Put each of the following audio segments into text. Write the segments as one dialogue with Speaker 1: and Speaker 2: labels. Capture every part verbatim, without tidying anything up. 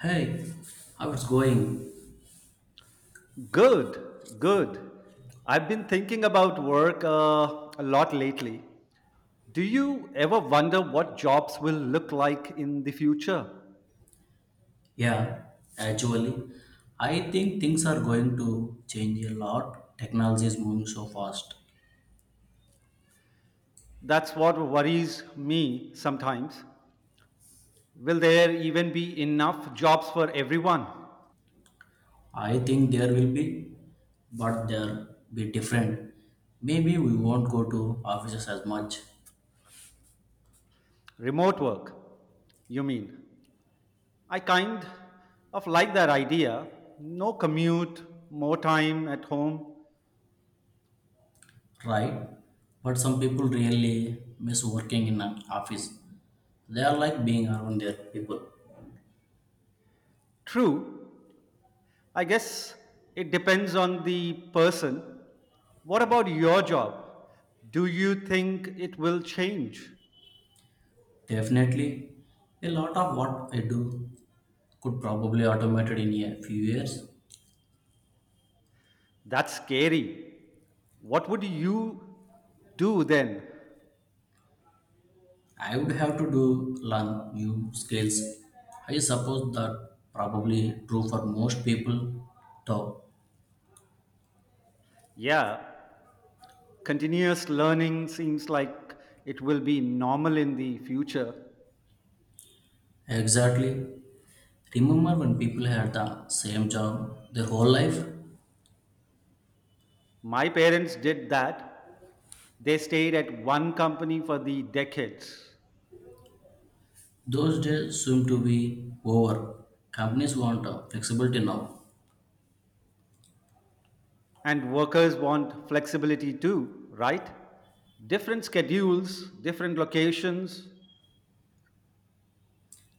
Speaker 1: Hey, how it's going?
Speaker 2: Good, good. I've been thinking about work uh, a lot lately. Do you ever wonder what jobs will look like in the future?
Speaker 1: Yeah, actually, I think things are going to change a lot. Technology is moving so fast.
Speaker 2: That's what worries me sometimes. Will there even be enough jobs for everyone?
Speaker 1: I think there will be, but there be different. Maybe we won't go to offices as much,
Speaker 2: Remote work, you mean? I kind of like that idea. No commute, more time at home.
Speaker 1: right? But some people really miss working in an office. They are like being around their people.
Speaker 2: True, I guess it depends on the person. What about your job? Do you think it will change?
Speaker 1: Definitely, a lot of what I do could probably automated in a few years.
Speaker 2: That's scary. What would you do then?
Speaker 1: I would have to do long U scales. I suppose that probably true for most people though.
Speaker 2: Yeah, continuous learning seems like it will be normal in the future.
Speaker 1: Exactly. Remember when people had the same job their whole life?
Speaker 2: My parents did that. They stayed at one company for the decades.
Speaker 1: Those days seem to be over. Companies want uh, flexibility now.
Speaker 2: And workers want flexibility too, right? Different schedules, different locations.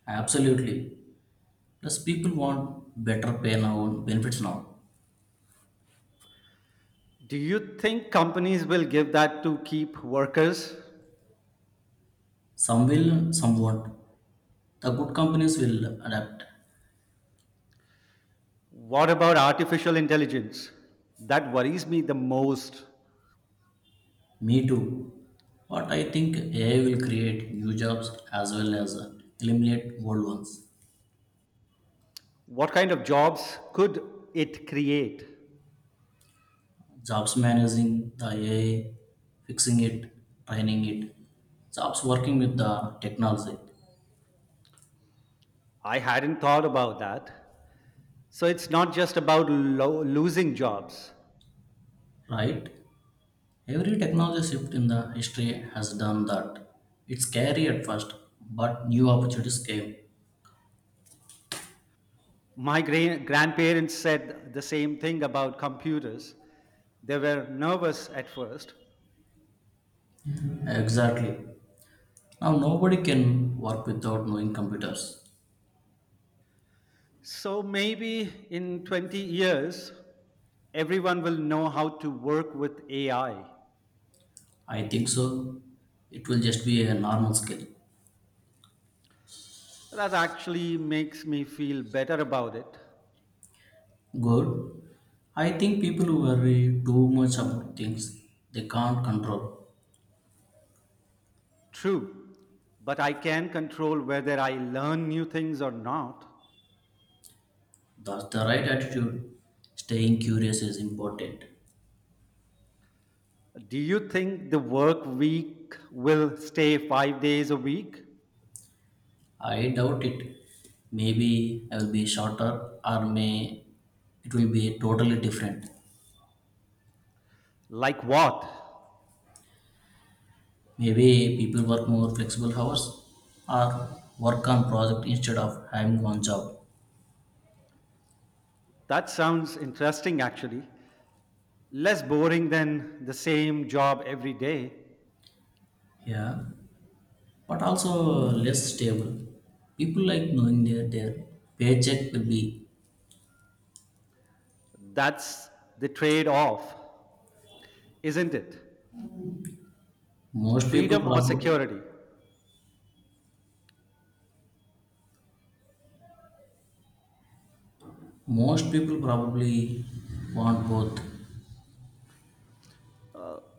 Speaker 1: Absolutely. Plus, people want better pay now and benefits now.
Speaker 2: Do you think companies will give that to keep workers?
Speaker 1: Some will, some won't. The good companies will adapt.
Speaker 2: What about artificial intelligence? That worries me the most.
Speaker 1: Me too. But I think A I will create new jobs as well as uh, eliminate old ones.
Speaker 2: What kind of jobs could it create?
Speaker 1: Jobs managing the A I, fixing it, training it, jobs working with the technology,
Speaker 2: I hadn't thought about that. So it's not just about lo- losing jobs.
Speaker 1: right? Every technology shift in the history has done that. It's scary at first, but new opportunities came.
Speaker 2: My gra- grandparents said the same thing about computers. They were nervous at first.
Speaker 1: Exactly. Now nobody can work without knowing computers.
Speaker 2: So maybe in twenty years, everyone will know how to work with A I.
Speaker 1: I think so. It will just be a normal skill.
Speaker 2: That actually makes me feel better about it.
Speaker 1: Good. I think people worry too much about things they can't control.
Speaker 2: True, but I can control whether I learn new things or not.
Speaker 1: That's the right attitude. Staying curious is important.
Speaker 2: Do you think the work week will stay five days a week?
Speaker 1: I doubt it. Maybe I will be shorter or may it will be totally different.
Speaker 2: Like what?
Speaker 1: Maybe people work more flexible hours or work on project instead of having one job.
Speaker 2: That sounds interesting actually. Less boring than the same job every day.
Speaker 1: Yeah, but also less stable. People like knowing that their paycheck will be
Speaker 2: That's the trade off, isn't it?
Speaker 1: most people
Speaker 2: Freedom or
Speaker 1: probably
Speaker 2: security?
Speaker 1: most people probably want both.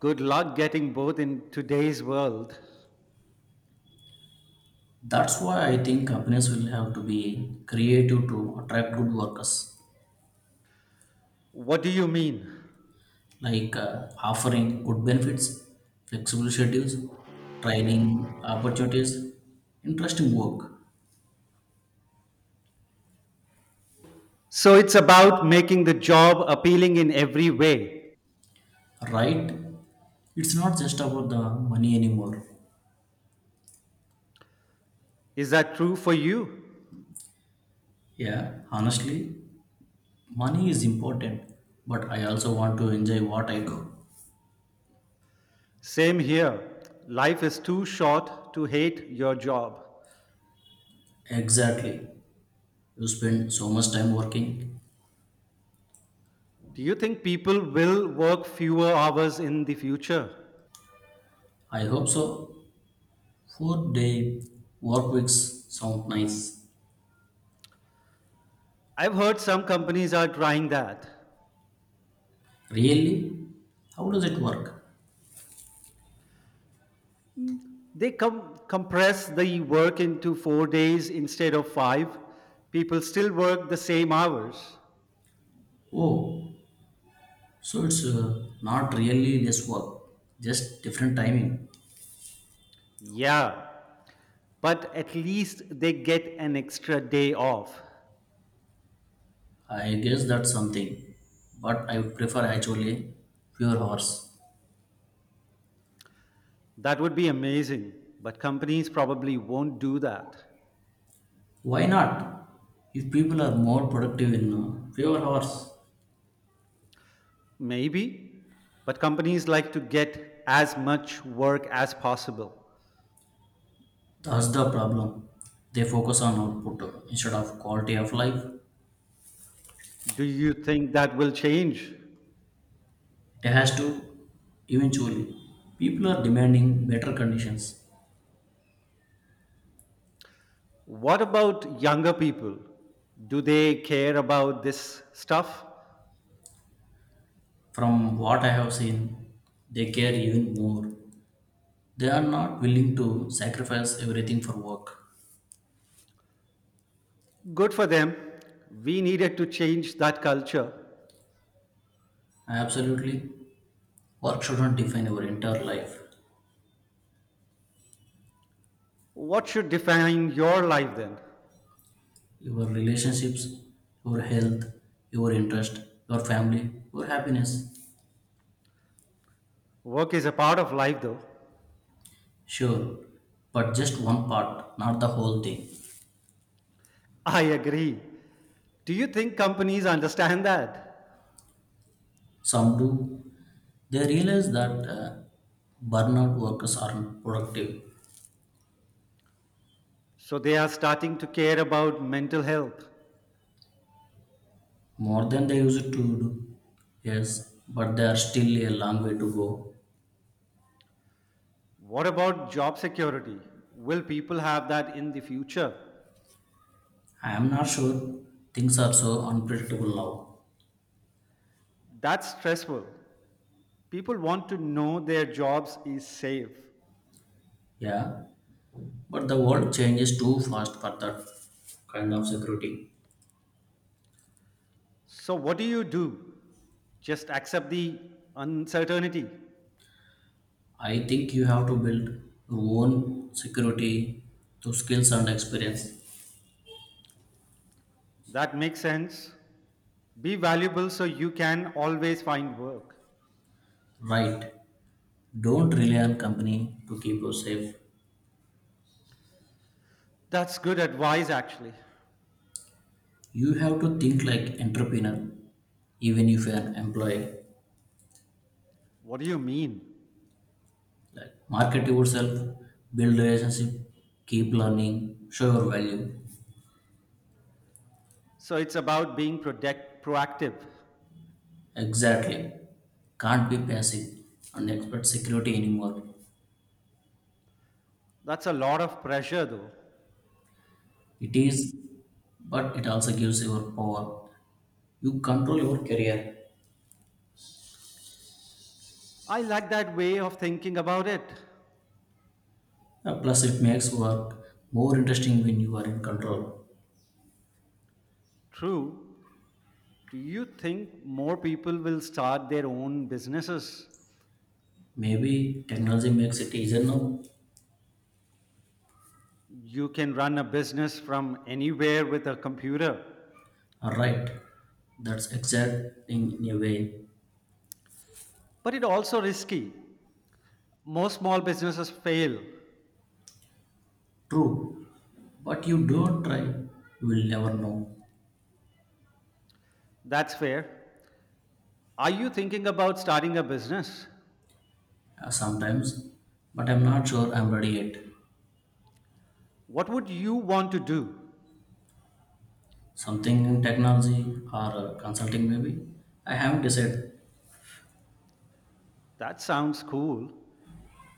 Speaker 2: Good luck getting both in today's world.
Speaker 1: That's why I think companies will have to be creative to attract good workers,
Speaker 2: What do you mean?
Speaker 1: like uh, offering good benefits, flexible schedules, training opportunities, interesting work.
Speaker 2: So it's about making the job appealing in every way.
Speaker 1: Right? It's not just about the money anymore.
Speaker 2: Is that true for you?
Speaker 1: Yeah, honestly, money is important, but I also want to enjoy what I do.
Speaker 2: Same here. Life is too short to hate your job.
Speaker 1: Exactly. You spend so much time working,
Speaker 2: Do you think people will work fewer hours in the future?
Speaker 1: I hope so. Four day work weeks sound nice.
Speaker 2: I've heard some companies are trying that.
Speaker 1: Really? How does it work?
Speaker 2: They com- compress the work into four days instead of five. People still work the same hours.
Speaker 1: Oh, so it's uh, not really less work, just different timing.
Speaker 2: Yeah, but at least they get an extra day off.
Speaker 1: I guess that's something, but I would prefer actually fewer hours.
Speaker 2: That would be amazing, but companies probably won't do that.
Speaker 1: Why not? If people are more productive in uh, fewer hours,
Speaker 2: Maybe, but companies like to get as much work as possible.
Speaker 1: that's the problem. They focus on output instead of quality of life.
Speaker 2: Do you think that will change?
Speaker 1: It has to eventually. People are demanding better conditions.
Speaker 2: What about younger people? Do they care about this stuff?
Speaker 1: From what I have seen, they care even more. They are not willing to sacrifice everything for work.
Speaker 2: Good for them. We needed to change that culture.
Speaker 1: Absolutely. Work shouldn't define your entire life.
Speaker 2: What should define your life then?
Speaker 1: Your relationships, your health, your interest, your family, your happiness.
Speaker 2: Work is a part of life though.
Speaker 1: Sure, but just one part, not the whole thing.
Speaker 2: I agree. Do you think companies understand that?
Speaker 1: Some do. They realize that uh, burnout workers aren't productive.
Speaker 2: So they are starting to care about mental health.
Speaker 1: More than they used to do, yes, but they are still a long way to go.
Speaker 2: What about job security? Will people have that in the future?
Speaker 1: I am not sure things are so unpredictable now.
Speaker 2: That's stressful. People want to know their jobs is safe.
Speaker 1: Yeah, but the world changes too fast for that kind of security.
Speaker 2: So what do you do? Just accept the uncertainty.
Speaker 1: I think you have to build your own security through skills and experience.
Speaker 2: That makes sense. Be valuable so you can always find work.
Speaker 1: Right. Don't rely on company to keep you safe.
Speaker 2: That's good advice actually.
Speaker 1: You have to think like entrepreneur, even if you are an employee.
Speaker 2: What do you mean?
Speaker 1: Like market yourself, build relationship, keep learning, show your value.
Speaker 2: So it's about being protect, proactive.
Speaker 1: Exactly. Can't be passive and expect security anymore.
Speaker 2: That's a lot of pressure, though.
Speaker 1: It is, but it also gives your power. You control your career.
Speaker 2: I like that way of thinking about it.
Speaker 1: Uh, Plus, it makes work more interesting when you are in control.
Speaker 2: True. Do you think more people will start their own businesses?
Speaker 1: Maybe technology makes it easier now.
Speaker 2: You can run a business from anywhere with a computer,
Speaker 1: Alright, that's exact thing in a way.
Speaker 2: but it's also risky. Most small businesses fail.
Speaker 1: True, but you don't try, you will never know.
Speaker 2: That's fair. Are you thinking about starting a business?
Speaker 1: Uh, sometimes, but I'm not sure I'm ready yet.
Speaker 2: What would you want to do?
Speaker 1: Something in technology or uh, consulting, maybe. I haven't decided.
Speaker 2: That sounds cool.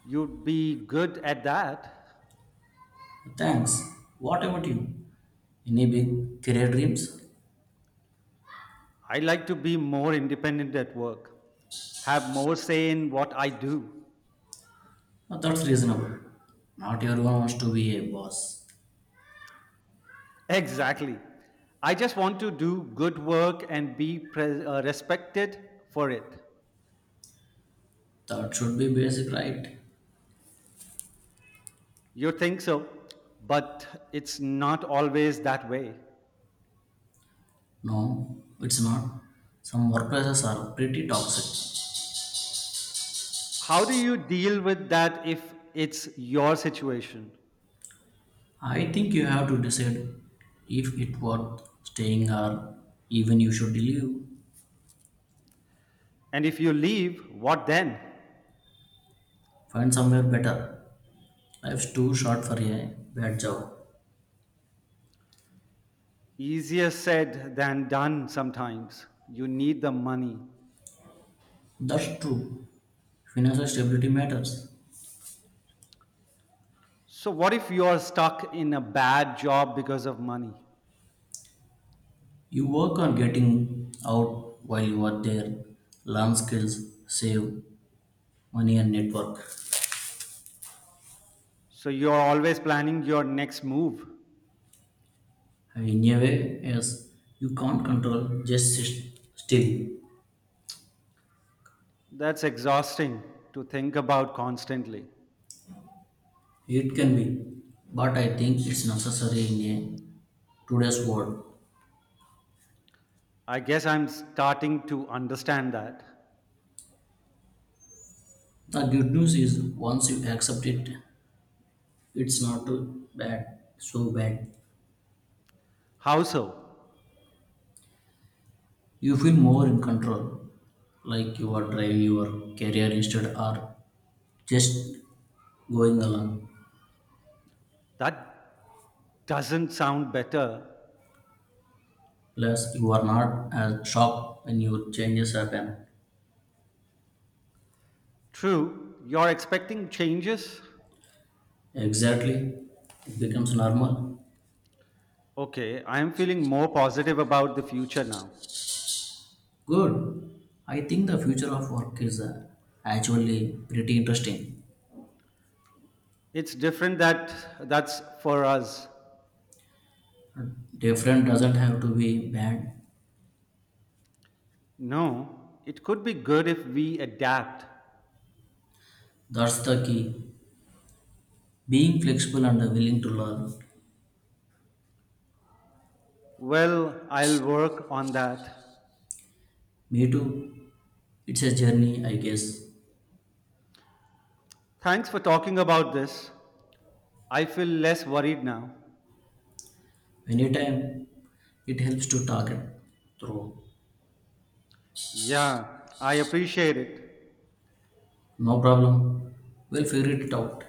Speaker 2: You'd be good at that.
Speaker 1: Thanks. What about you? Any big career dreams?
Speaker 2: I like to be more independent at work, have more say in what I do.
Speaker 1: Uh, that's reasonable. Not everyone wants to be a boss.
Speaker 2: Exactly. I just want to do good work and be pre- uh, respected for it.
Speaker 1: That should be basic, right?
Speaker 2: You think so, but it's not always that way.
Speaker 1: No, it's not. Some workplaces are pretty toxic.
Speaker 2: How do you deal with that if it's your situation?
Speaker 1: I think you have to decide if it worth staying or even you should leave.
Speaker 2: And if you leave, what then?
Speaker 1: Find somewhere better. Life's too short for a bad job.
Speaker 2: Easier said than done sometimes. You need the money.
Speaker 1: That's true. Financial stability matters.
Speaker 2: So, what if you are stuck in a bad job because of money?
Speaker 1: You work on getting out while you are there, learn skills, save money, and network.
Speaker 2: So, you're always planning your next move.
Speaker 1: In a way, yes, you can't control just sit still.
Speaker 2: That's exhausting to think about constantly.
Speaker 1: It can be, but I think it's necessary in a today's world.
Speaker 2: I guess I'm starting to understand that.
Speaker 1: The good news is once you accept it, it's not too bad, so bad.
Speaker 2: How so?
Speaker 1: You feel more in control, like you are driving your career instead or just going along.
Speaker 2: That doesn't sound better.
Speaker 1: Plus, you are not as shocked when your changes happen.
Speaker 2: True, you're expecting changes?
Speaker 1: Exactly, it becomes normal.
Speaker 2: Okay, I'm feeling more positive about the future now.
Speaker 1: Good. I think the future of work is uh, actually pretty interesting.
Speaker 2: It's different that that's for us.
Speaker 1: Different doesn't have to be bad.
Speaker 2: No, it could be good if we adapt.
Speaker 1: That's the key. Being flexible and willing to learn.
Speaker 2: Well, I'll work on that.
Speaker 1: Me too. It's a journey, I guess.
Speaker 2: Thanks for talking about this. I feel less worried now.
Speaker 1: Anytime it helps to talk it through.
Speaker 2: Yeah, I appreciate it.
Speaker 1: No problem. We'll figure it out.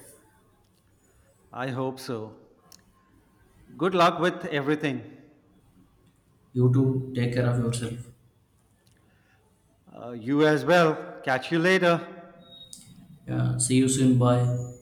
Speaker 2: I hope so. Good luck with everything.
Speaker 1: You too, take care of yourself.
Speaker 2: Uh, you as well. Catch you later.
Speaker 1: Yeah, see you soon. Bye.